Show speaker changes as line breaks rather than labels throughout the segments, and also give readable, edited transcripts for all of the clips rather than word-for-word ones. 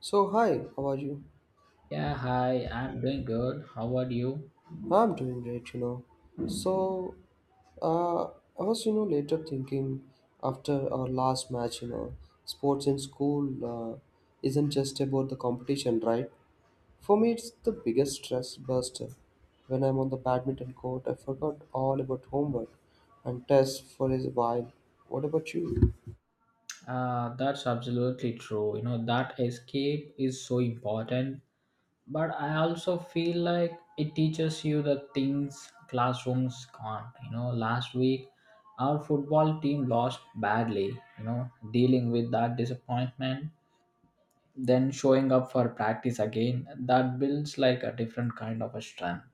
So hi, how are you?
Yeah, hi, I'm doing good. How about you?
I'm doing great. So I was, later thinking after our last match, sports in school uh, isn't just about the competition, right? For me, it's the biggest stress buster. When I'm on the badminton court, I forgot all about homework and tests for a while. What about you?
That's absolutely true. You know, that escape is so important, but I also feel like it teaches you the things classrooms can't. You know, last week our football team lost badly, you know, dealing with that disappointment, then showing up for practice again, that builds like a different kind of a strength.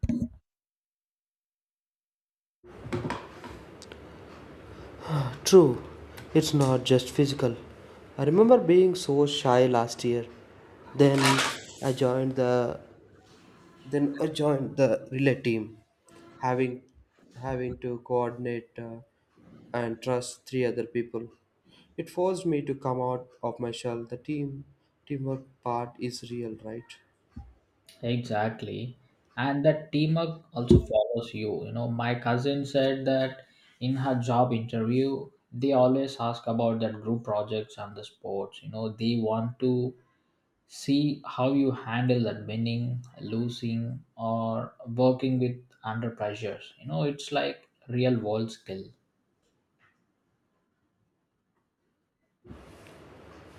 True, it's not just physical. I remember being so shy last year. Then I joined the then I joined the relay team, having having to coordinate and trust three other people. It forced me to come out of my shell. The teamwork part is real, right?
Exactly. And that teamwork also follows you. You know, my cousin said that in her job interview, they always ask about that group projects and the sports. You know, they want to see how you handle that winning, losing, or working with under pressures. You know, it's like real world skill.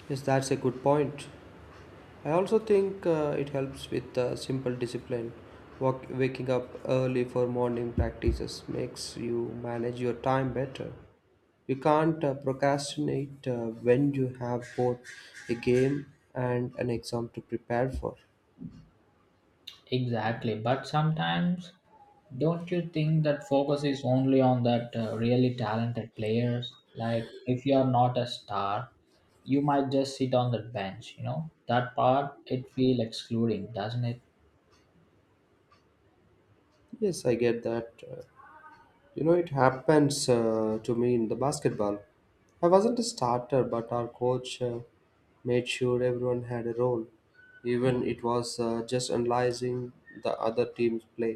Yes, that's a good point. I also think it helps with simple discipline. Waking up early for morning practices makes you manage your time better. You can't procrastinate when you have both a game and an exam to prepare for.
Exactly, but sometimes don't you think that focus is only on that really talented players? Like if you are not a star, you might just sit on the bench. You know that part it feel excluding, doesn't it?
Yes, I get that. It happens to me in the basketball. I wasn't a starter, but our coach made sure everyone had a role, even it was just analyzing the other team's play.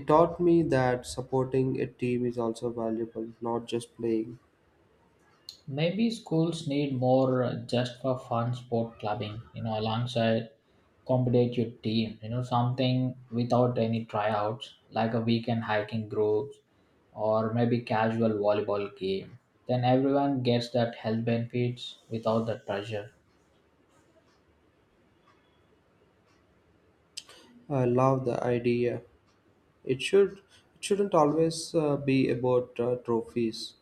It taught me that supporting a team is also valuable, not just playing.
Maybe schools need more just for fun sport clubbing, you know, alongside competitive team, you know, something without any tryouts, like a weekend hiking groups or maybe casual volleyball game. Then everyone gets that health benefits without the pressure.
I love the idea. It shouldn't always be about trophies.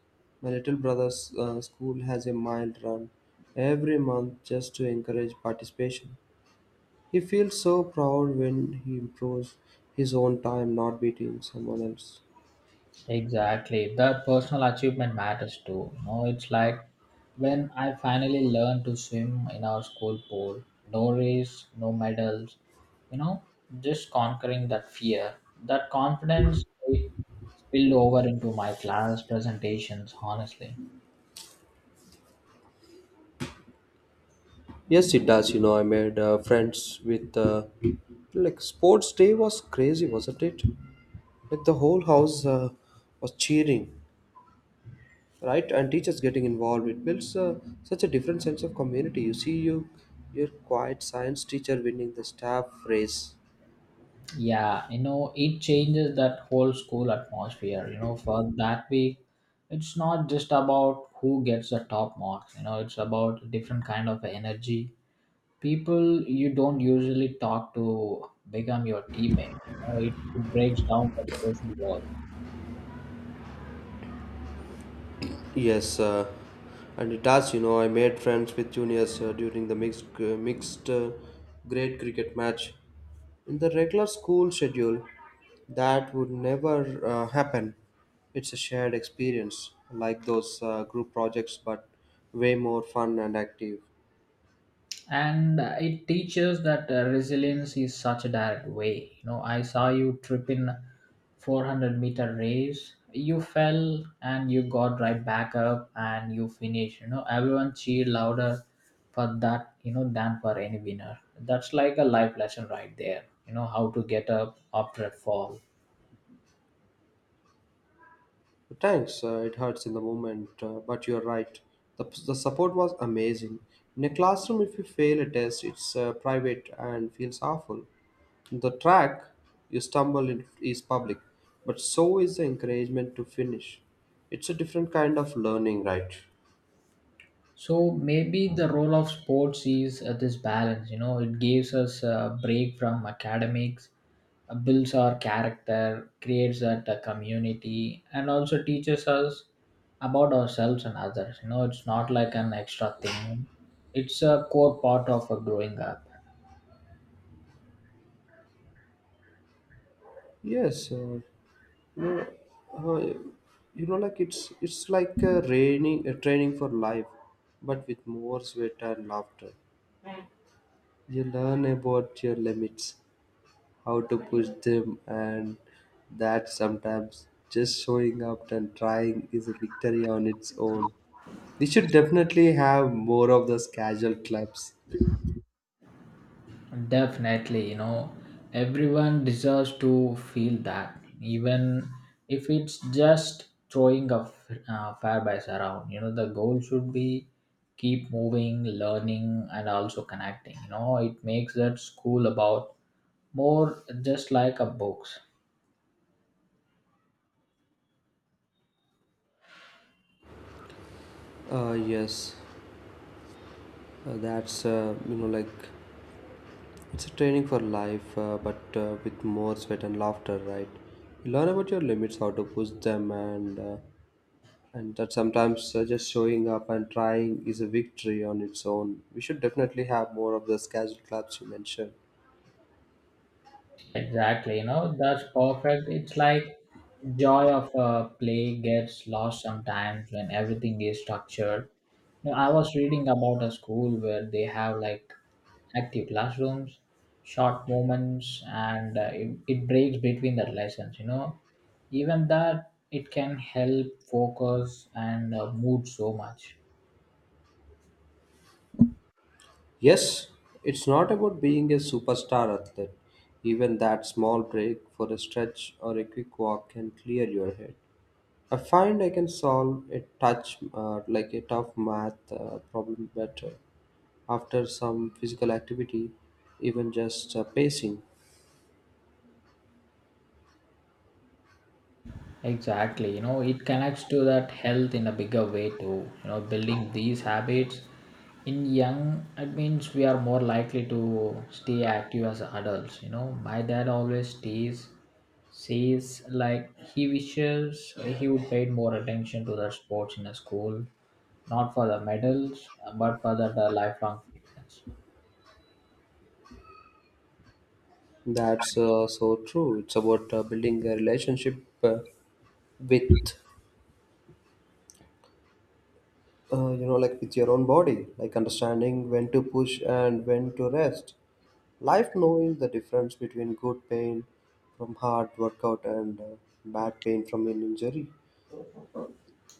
My little brother's school has a mile run every month just to encourage participation. He feels so proud when he improves his own time, not beating someone else.
Exactly. That personal achievement matters too. You know, it's like when I finally learned to swim in our school pool, no race, no medals, you know, just conquering that fear. That confidence it spilled over into my class presentations, honestly.
Yes, it does. I made friends with like sports day was crazy, wasn't it? Like the whole house was cheering, right? And teachers getting involved. It builds such a different sense of community. You see, your quiet science teacher winning the staff race.
Yeah, you know, it changes that whole school atmosphere. You know, for that week, it's not just about who gets the top marks, you know, it's about different kind of energy people you don't usually talk to become your teammate. You know, it breaks down the social walls.
Yes, and it has, I made friends with juniors during the mixed grade cricket match. In the regular school schedule, that would never happen. It's a shared experience, like those group projects, but way more fun and active.
And it teaches that resilience is such a direct way. You know, I saw you trip in 400-meter race. You fell and you got right back up and you finished. You know, everyone cheered louder for that, you know, than for any winner. That's like a life lesson right there. You know, how to get up after a fall.
Thanks, it hurts in the moment, but you're right. The support was amazing. In a classroom, if you fail a test, it's private and feels awful. The track you stumble in is public, but so is the encouragement to finish. It's a different kind of learning, right?
So maybe the role of sports is this balance. You know, it gives us a break from academics, builds our character, creates that community, and also teaches us about ourselves and others. You know, it's not like an extra thing; it's a core part of growing up.
Yes, know, uh, like it's like a training for life, but with more sweat and laughter. You learn about your limits, how to push them, and that sometimes just showing up and trying is a victory on its own. We should definitely have more of those casual clubs.
Definitely, you know, everyone deserves to feel that, even if it's just throwing a fairbies around. You know, the goal should be keep moving, learning, and also connecting. You know, it makes that school about more just like a books.
Yes, that's like it's a training for life, but with more sweat and laughter, right? You learn about your limits, how to push them, and and that sometimes just showing up and trying is a victory on its own. We should definitely have more of those casual clubs you mentioned.
Exactly, you know, that's perfect. It's like joy of a play gets lost sometimes when everything is structured. You know, I was reading about a school where they have like active classrooms, short moments, and it breaks between the lessons, you know. Even that, it can help focus and mood so much.
Yes, it's not about being a superstar athlete. Even that small break for a stretch or a quick walk can clear your head. I find I can solve like a tough math problem better after some physical activity, even just pacing.
Exactly, you know, it connects to that health in a bigger way too. You know, building these habits in young, it means we are more likely to stay active as adults. You know, my dad always stays says like he wishes he would pay more attention to the sports in a school, not for the medals, but for the lifelong fitness.
That's so true. It's about building a relationship with you know like with your own body, like understanding when to push and when to rest life, knowing the difference between good pain from hard workout and bad pain from an injury.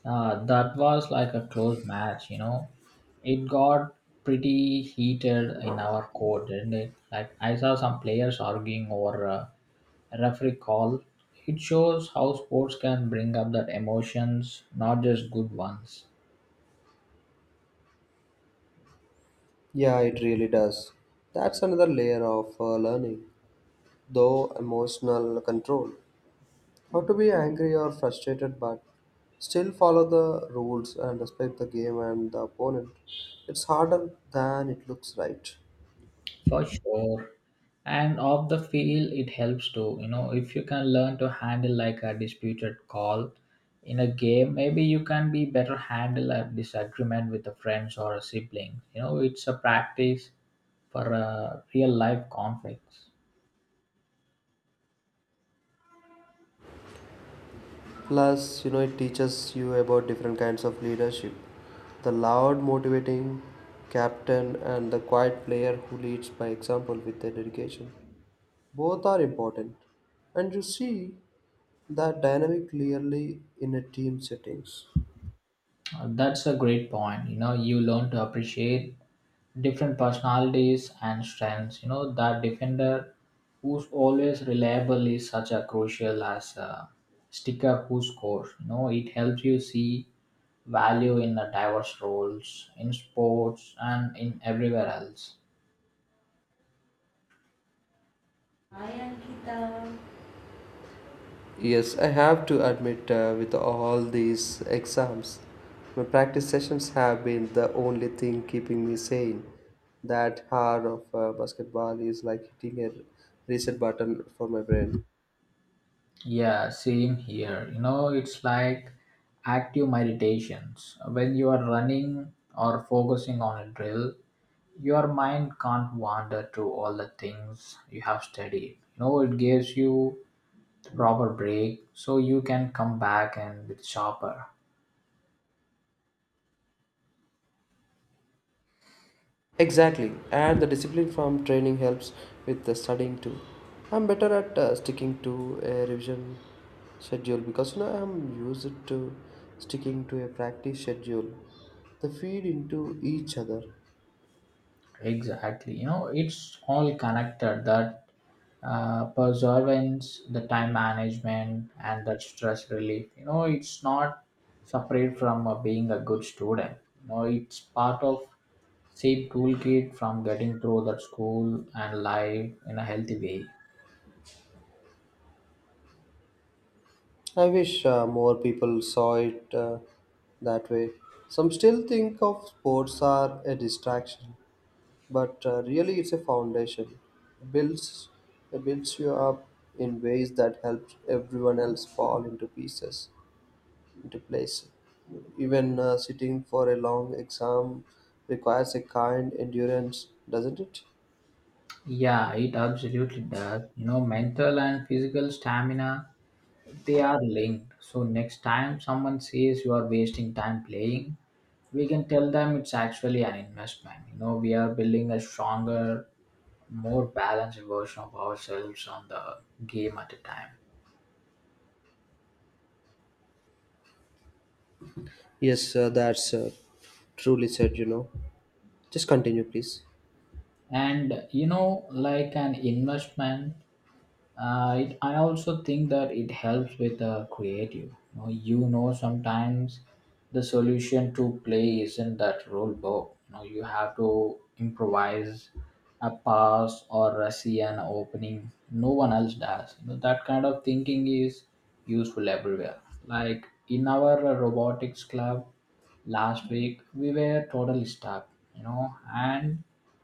That was like a close match, you know. It got pretty heated in our court, didn't it? Like I saw some players arguing over a referee call. It shows how sports can bring up that emotions, not just good ones.
Yeah, it really does. That's another layer of learning, though emotional control. How to be angry or frustrated but still follow the rules and respect the game and the opponent. It's harder than it looks, right?
For sure. And off the field, it helps too. You know, if you can learn to handle like a disputed call in a game, maybe you can be better handle a disagreement with a friends or a sibling. You know, it's a practice for a real life conflicts.
Plus, it teaches you about different kinds of leadership. The loud, motivating captain and the quiet player who leads by example with their dedication. Both are important. And you see that dynamic clearly in a team settings.
That's a great point. You know, you learn to appreciate different personalities and strengths. You know, that defender who's always reliable is such a crucial as a sticker who scores. You know, it helps you see value in the diverse roles in sports and in everywhere else.
Hi Ankita. Yes, I have to admit, with all these exams, my practice sessions have been the only thing keeping me sane. That hour of basketball is like hitting a reset button for my brain.
Yeah, same here. You know, it's like active meditations. When you are running or focusing on a drill, your mind can't wander to all the things you have studied. You know, it gives you the proper break so you can come back and with sharper.
Exactly, and the discipline from training helps with the studying too. I'm better at sticking to a revision schedule because I'm used to sticking to a practice schedule. They feed into each other.
Exactly. You know, it's all connected that perseverance, the time management, and that stress relief. You know, it's not separate from being a good student. You know, it's part of same toolkit from getting through that school and life in a healthy way.
I wish more people saw it that way. Some still think of sports are a distraction, but really it's a foundation. It builds it builds you up in ways that helps everyone else fall into pieces, into place. Even sitting for a long exam requires a kind endurance, doesn't it?
Yeah, it absolutely does. You know, mental and physical stamina, they are linked. So next time someone says you are wasting time playing, we can tell them it's actually an investment. You know, we are building a stronger, more balanced version of ourselves on the game at a time.
Yes, that's truly said. You know, just continue, please.
And you know like an investment I also think that it helps with the creative you know sometimes the solution to play isn't that rule book. You know you have to improvise a pass or a see an opening no one else does. You know that kind of thinking is useful everywhere, like in our robotics club last week we were totally stuck, you know, and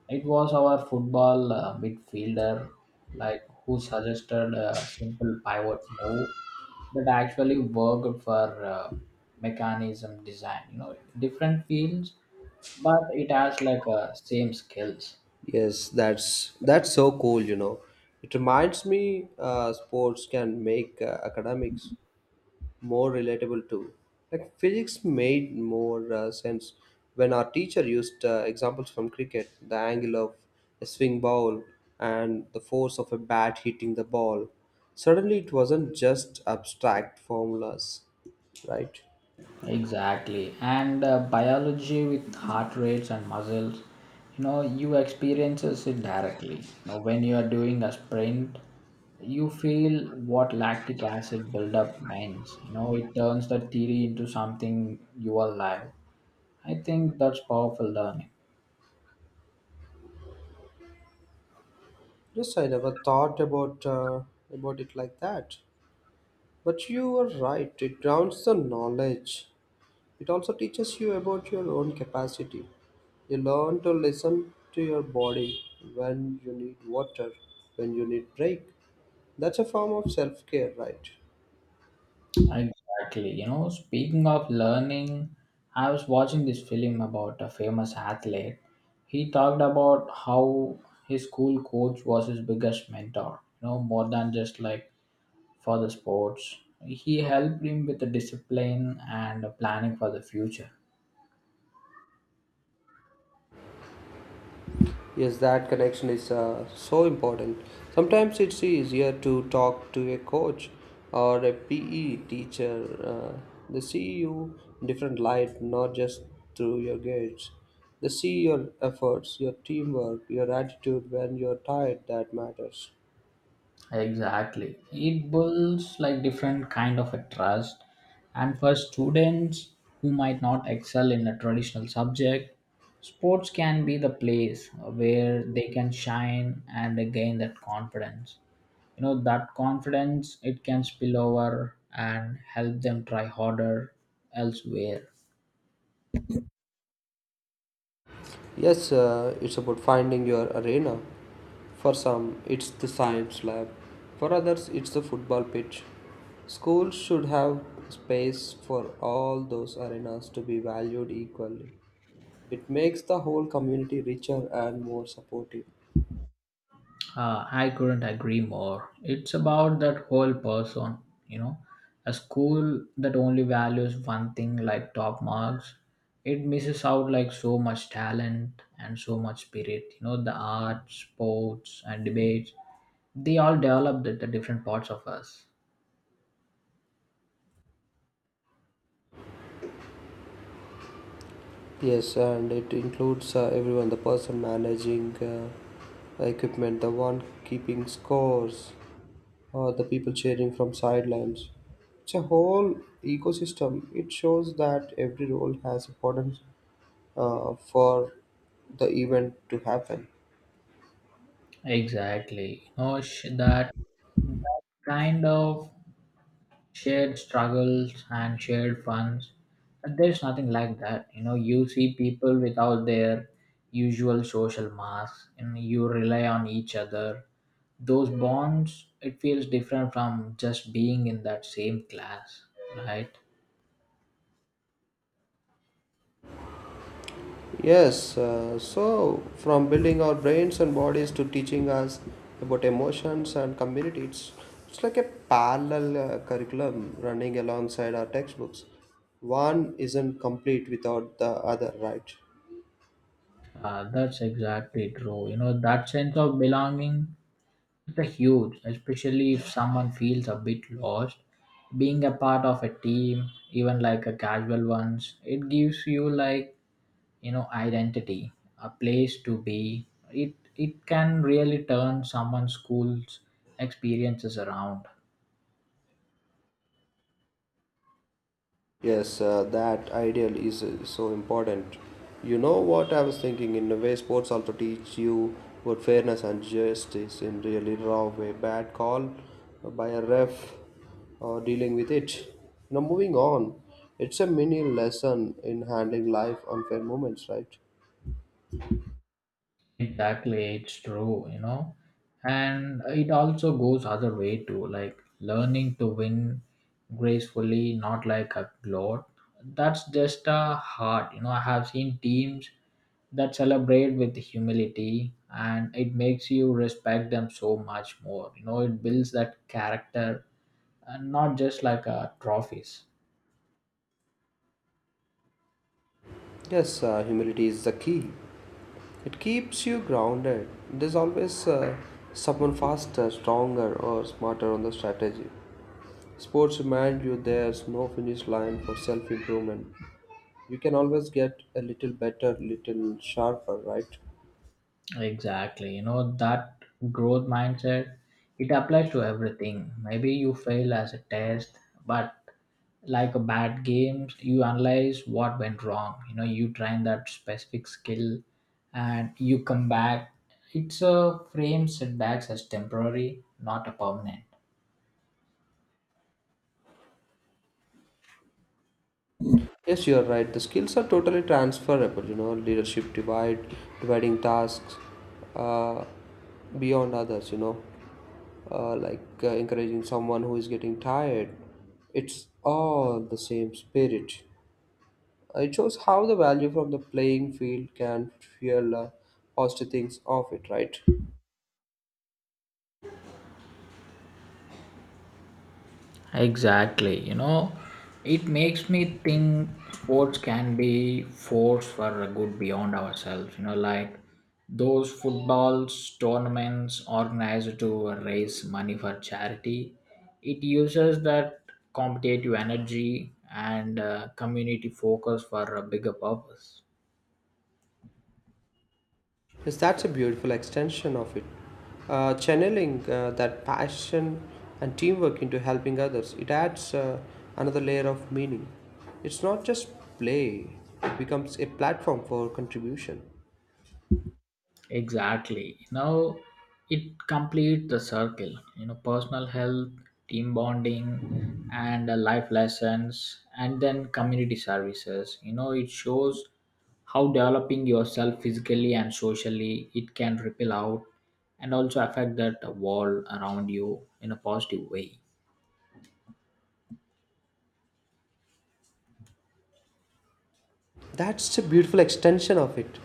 it was our football midfielder like who suggested a simple pivot move that actually worked for mechanism design. You know different fields but it has like same skills.
Yes, that's so cool. It reminds me sports can make academics more relatable too. Like physics made more sense when our teacher used examples from cricket, the angle of a swing ball and the force of a bat hitting the ball. Suddenly it wasn't just abstract formulas, right?
Exactly. And biology with heart rates and muscles, you know, you experiences it directly. You know, when you are doing a sprint, you feel what lactic acid buildup means. You know, it turns the theory into something you are live. I think that's powerful learning.
Yes, I never thought about it like that. But you are right, it grounds the knowledge. It also teaches you about your own capacity. You learn to listen to your body when you need water, when you need break. That's a form of self care, right?
Exactly. You know, speaking of learning, I was watching this film about a famous athlete. He talked about how his school coach was his biggest mentor, you know, more than just like for the sports. He helped him with the discipline and planning for the future.
Yes, that connection is so important. Sometimes it's easier to talk to a coach or a PE teacher. uh, they see you in different light, not just through your grades. They see your efforts, your teamwork, your attitude when you're tired. That matters.
Exactly. It builds like different kind of a trust and for students who might not excel in a traditional subject, sports can be the place where they can shine and they gain that confidence. You know that confidence it can spill over and help them try harder elsewhere.
Yes, it's about finding your arena. For some, it's the science lab. For others, it's the football pitch. Schools should have space for all those arenas to be valued equally. It makes the whole community richer and more supportive.
I couldn't agree more. It's about that whole person, you know. A school that only values one thing like top marks, it misses out like so much talent and so much spirit. You know, the arts, sports, and debates, they all develop the different parts of us.
Yes, and it includes everyone, the person managing equipment, the one keeping scores, the people cheering from sidelines. It's a whole ecosystem. It shows that every role has importance for the event to happen.
Exactly. You know, that kind of shared struggles and shared funds. But there's nothing like that. You know, you see people without their usual social mask, and you rely on each other. Those bonds, it feels different from just being in that same class, right?
Yes, so from building our brains and bodies to teaching us about emotions and community, it's like a parallel curriculum running alongside our textbooks. One isn't complete without the other, right?
That's exactly true. You know, that sense of belonging is a huge, especially if someone feels a bit lost. Being a part of a team, even like a casual ones, it gives you like you know identity, a place to be. It can really turn someone's school's experiences around.
Yes, that ideal is so important. You know what I was thinking? In a way, sports also teach you what fairness and justice in really raw way. Bad call by a ref or dealing with it. Now, moving on, it's a mini lesson in handling life unfair moments, right?
Exactly, it's true, you know. And it also goes other way too, like learning to win gracefully, not like a gloat. That's just a heart, you know. I have seen teams that celebrate with humility and it makes you respect them so much more. You know, it builds that character and not just like a trophies.
Yes, humility is the key. It keeps you grounded. There's always someone faster, stronger, or smarter on the strategy. Sports remind you there's no finish line for self improvement. You can always get a little better, little sharper, right?
Exactly. You know, that growth mindset, it applies to everything. Maybe you fail as a test, but like a bad games, you analyze what went wrong. You know, you train that specific skill and you come back. It's a frame setbacks as temporary, not a permanent.
Yes, you are right. The skills are totally transferable, leadership dividing tasks uh, beyond others, like encouraging someone who is getting tired. It's all the same spirit. It shows how the value from the playing field can fuel positive things of it, right?
Exactly. You know, it makes me think sports can be force for a good beyond ourselves. You know, like those footballs tournaments organized to raise money for charity. It uses that competitive energy and community focus for a bigger purpose.
Yes, that's a beautiful extension of it. Channeling that passion and teamwork into helping others, it adds another layer of meaning. It's not just play, it becomes a platform for contribution.
Exactly. Now it completes the circle. You know, personal health, team bonding, and life lessons, and then community services. You know, it shows how developing yourself physically and socially it can ripple out and also affect that world around you in a positive way.
That's a beautiful extension of it.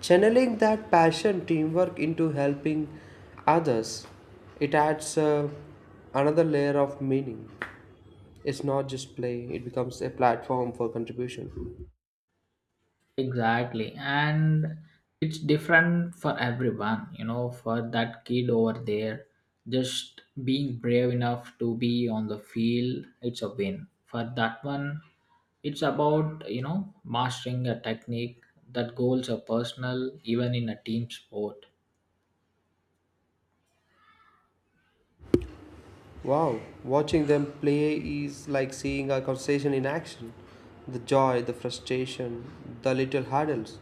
Channeling that passion, teamwork into helping others, it adds another layer of meaning. It's not just play, it becomes a platform for contribution.
Exactly. And it's different for everyone, you know, for that kid over there, just being brave enough to be on the field, it's a win. For that one, it's about, you know, mastering a technique that goals are personal, even in a team sport.
Wow, watching them play is like seeing a conversation in action. The joy, the frustration, the little hurdles.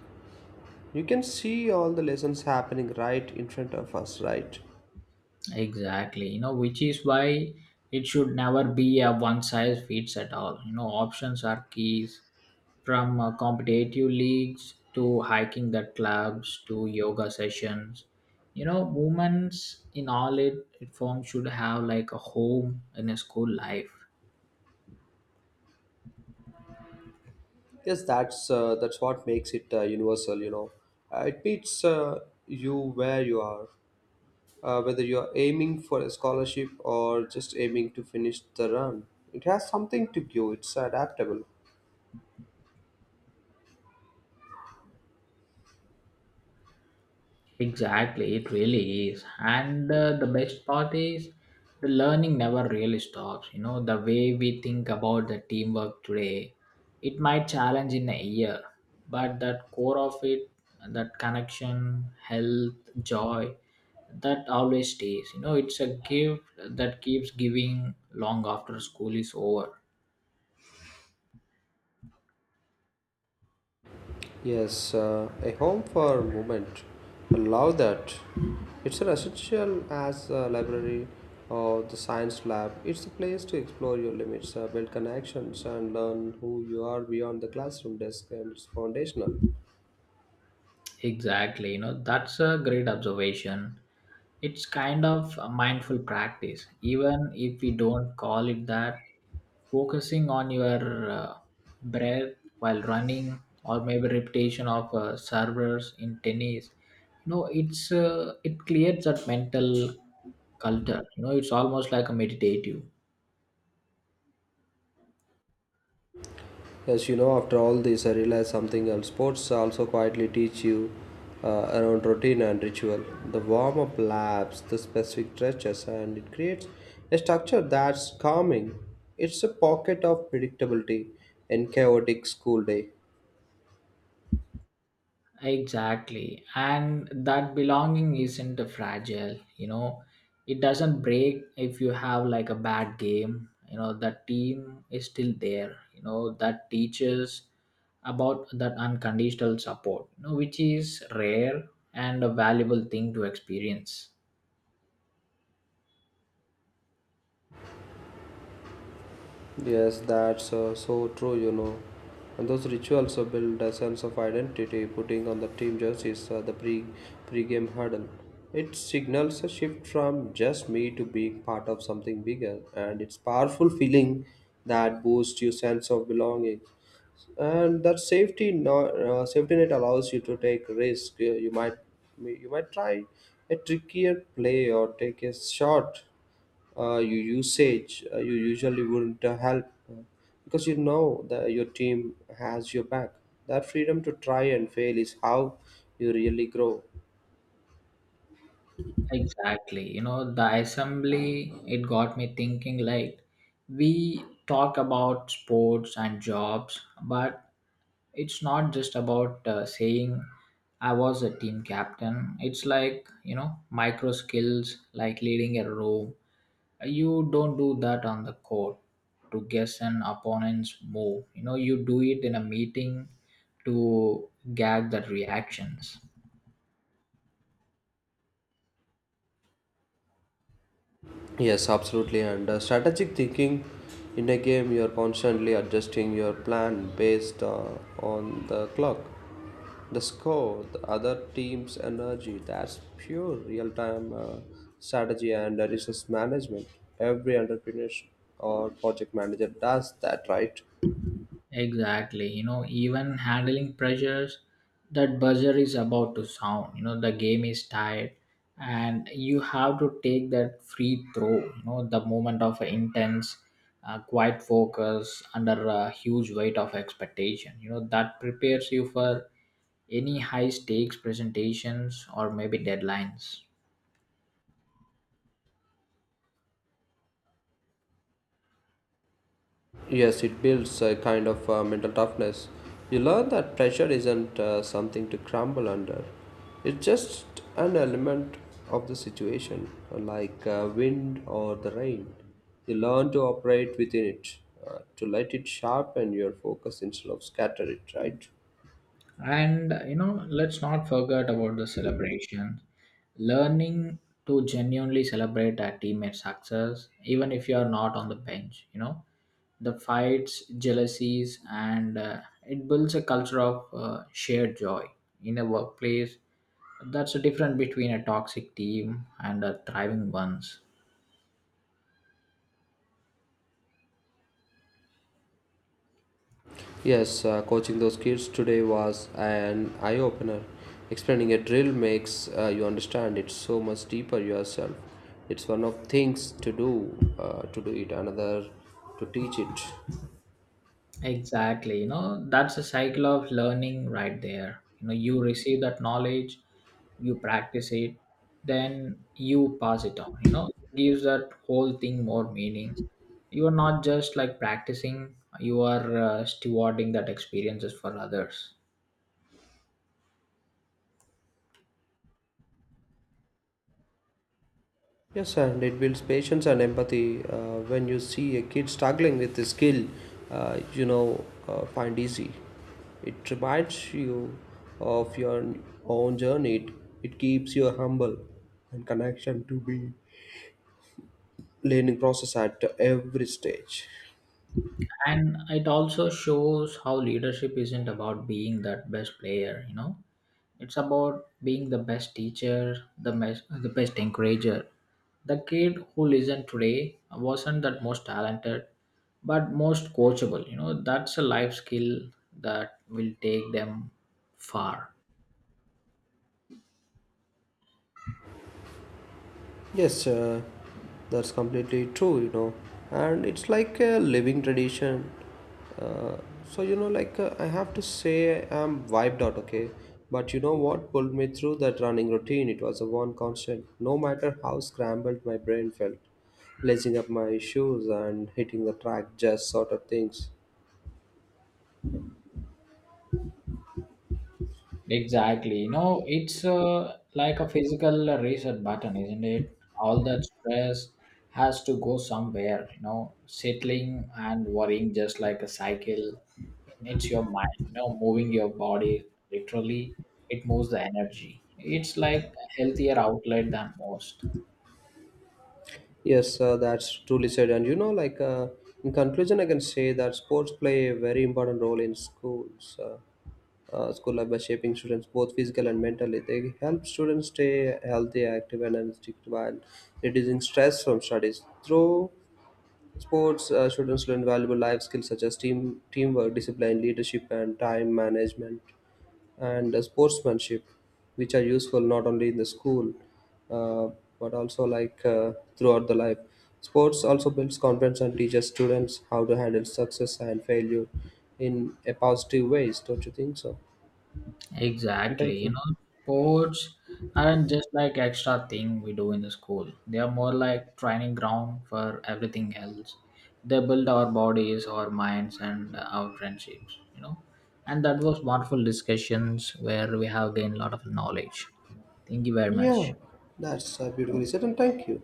You can see all the lessons happening right in front of us, right?
Exactly, you know, which is why it should never be a one size fits at all. You know, options are keys from competitive leagues to hiking that clubs to yoga sessions. You know, women's in all it, it form should have like a home in a school life.
Yes, that's what makes it universal. It meets you where you are, whether you are aiming for a scholarship or just aiming to finish the run. It has something to give. It's adaptable.
Exactly, it really is. And the best part is the learning never really stops. You know, the way we think about the teamwork today, it might challenge in a year, but that core of it, that connection, health, joy, that always stays. You know, it's a gift that keeps giving long after school is over.
Yes, a home for movement. I love that. It's an essential as a library or the science lab. It's a place to explore your limits, build connections, and learn who you are beyond the classroom desk, and it's foundational.
Exactly, you know, that's a great observation. It's kind of a mindful practice, even if we don't call it that. Focusing on your breath while running, or maybe repetition of servers in tennis, you know, it creates that mental culture. You know, it's almost like a meditative.
Yes, after all this, I realized something else. Sports also quietly teach you around routine and ritual. The warm up laps, the specific stretches, and it creates a structure that's calming. It's a pocket of predictability in chaotic school day.
Exactly. And that belonging isn't fragile, you know. It doesn't break if you have like a bad game. You know, that team is still there. You know, that teaches about that unconditional support, you know, which is rare and a valuable thing to experience.
Yes, that's so true. And those rituals build a sense of identity, putting on the team jerseys, the pre-game huddle. It signals a shift from just me to being part of something bigger, and it's powerful feeling that boosts your sense of belonging. And that safety no, safety net allows you to take risk. You might try a trickier play or take a shot, you usually wouldn't help because you know that your team has your back. That freedom to try and fail is how you really grow.
Exactly. You know, the assembly, it got me thinking like, we talk about sports and jobs, but it's not just about saying I was a team captain. It's like, you know, micro skills like leading a room. You don't do that on the court to guess an opponent's move. You know, you do it in a meeting to gag the reactions.
Yes, absolutely, and strategic thinking in a game, you're constantly adjusting your plan based on the clock, the score, the other team's energy. That's pure real-time strategy and resource management. Every entrepreneur or project manager does that, right?
Exactly. You know, even handling pressures, that buzzer is about to sound. You know, the game is tied, and you have to take that free throw. You know, the moment of intense, quiet focus under a huge weight of expectation. You know, that prepares you for any high stakes presentations or maybe deadlines.
Yes, it builds a kind of mental toughness. You learn that pressure isn't something to crumble under, it's just an element of the situation, like wind or the rain. You learn to operate within it, to let it sharpen your focus instead of scatter it, right?
And you know, let's not forget about the celebration. Learning to genuinely celebrate a teammate's success, even if you are not on the bench, you know, the fights, jealousies, and it builds a culture of shared joy in a workplace. That's the difference between a toxic team and a thriving ones.
Yes, coaching those kids today was an eye opener. Explaining a drill makes you understand it so much deeper yourself. It's one of things to do it, another to teach it.
Exactly. You know, that's a cycle of learning right there. You know, you receive that knowledge, you practice it, then you pass it on. You know, it gives that whole thing more meaning. You are not just like practicing, you are stewarding that experiences for others.
Yes, and it builds patience and empathy. When you see a kid struggling with a skill, find easy. It reminds you of your own journey. It keeps you humble and connection to be learning process at every stage.
And it also shows how leadership isn't about being that best player, you know. It's about being the best teacher, the best encourager. The kid who listened today wasn't that most talented, but most coachable. You know, that's a life skill that will take them far.
Yes, that's completely true. And it's like a living tradition, uh, so like I have to say I'm wiped out, okay? But you know what pulled me through that running routine? It was a one constant no matter how scrambled my brain felt. Lacing up my shoes and hitting the track just sort of things.
Exactly. You know, it's like a physical reset button, isn't it? All that stress has to go somewhere, you know, settling and worrying just like a cycle. It's your mind, you know, moving your body literally, it moves the energy. It's like a healthier outlet than most.
Yes, that's truly said. And like in conclusion, I can say that sports play a very important role in schools, school life by shaping students both physical and mentally. They help students stay healthy, active, and energetic while reducing stress from studies. Through sports, students learn valuable life skills such as teamwork, discipline, leadership, and time management and sportsmanship, which are useful not only in the school uh, but also like throughout the life. Sports also builds confidence and teaches students how to handle success and failure in a positive ways. Don't you think so? And thank
Exactly. You
you.
know, sports aren't just like extra thing we do in the school. They are more like training ground for everything else. They build our bodies, our minds, and our friendships. You know, and that was wonderful discussions where we have gained a lot of knowledge. Thank you very
Yeah,
much.
that's beautifully said. And thank you.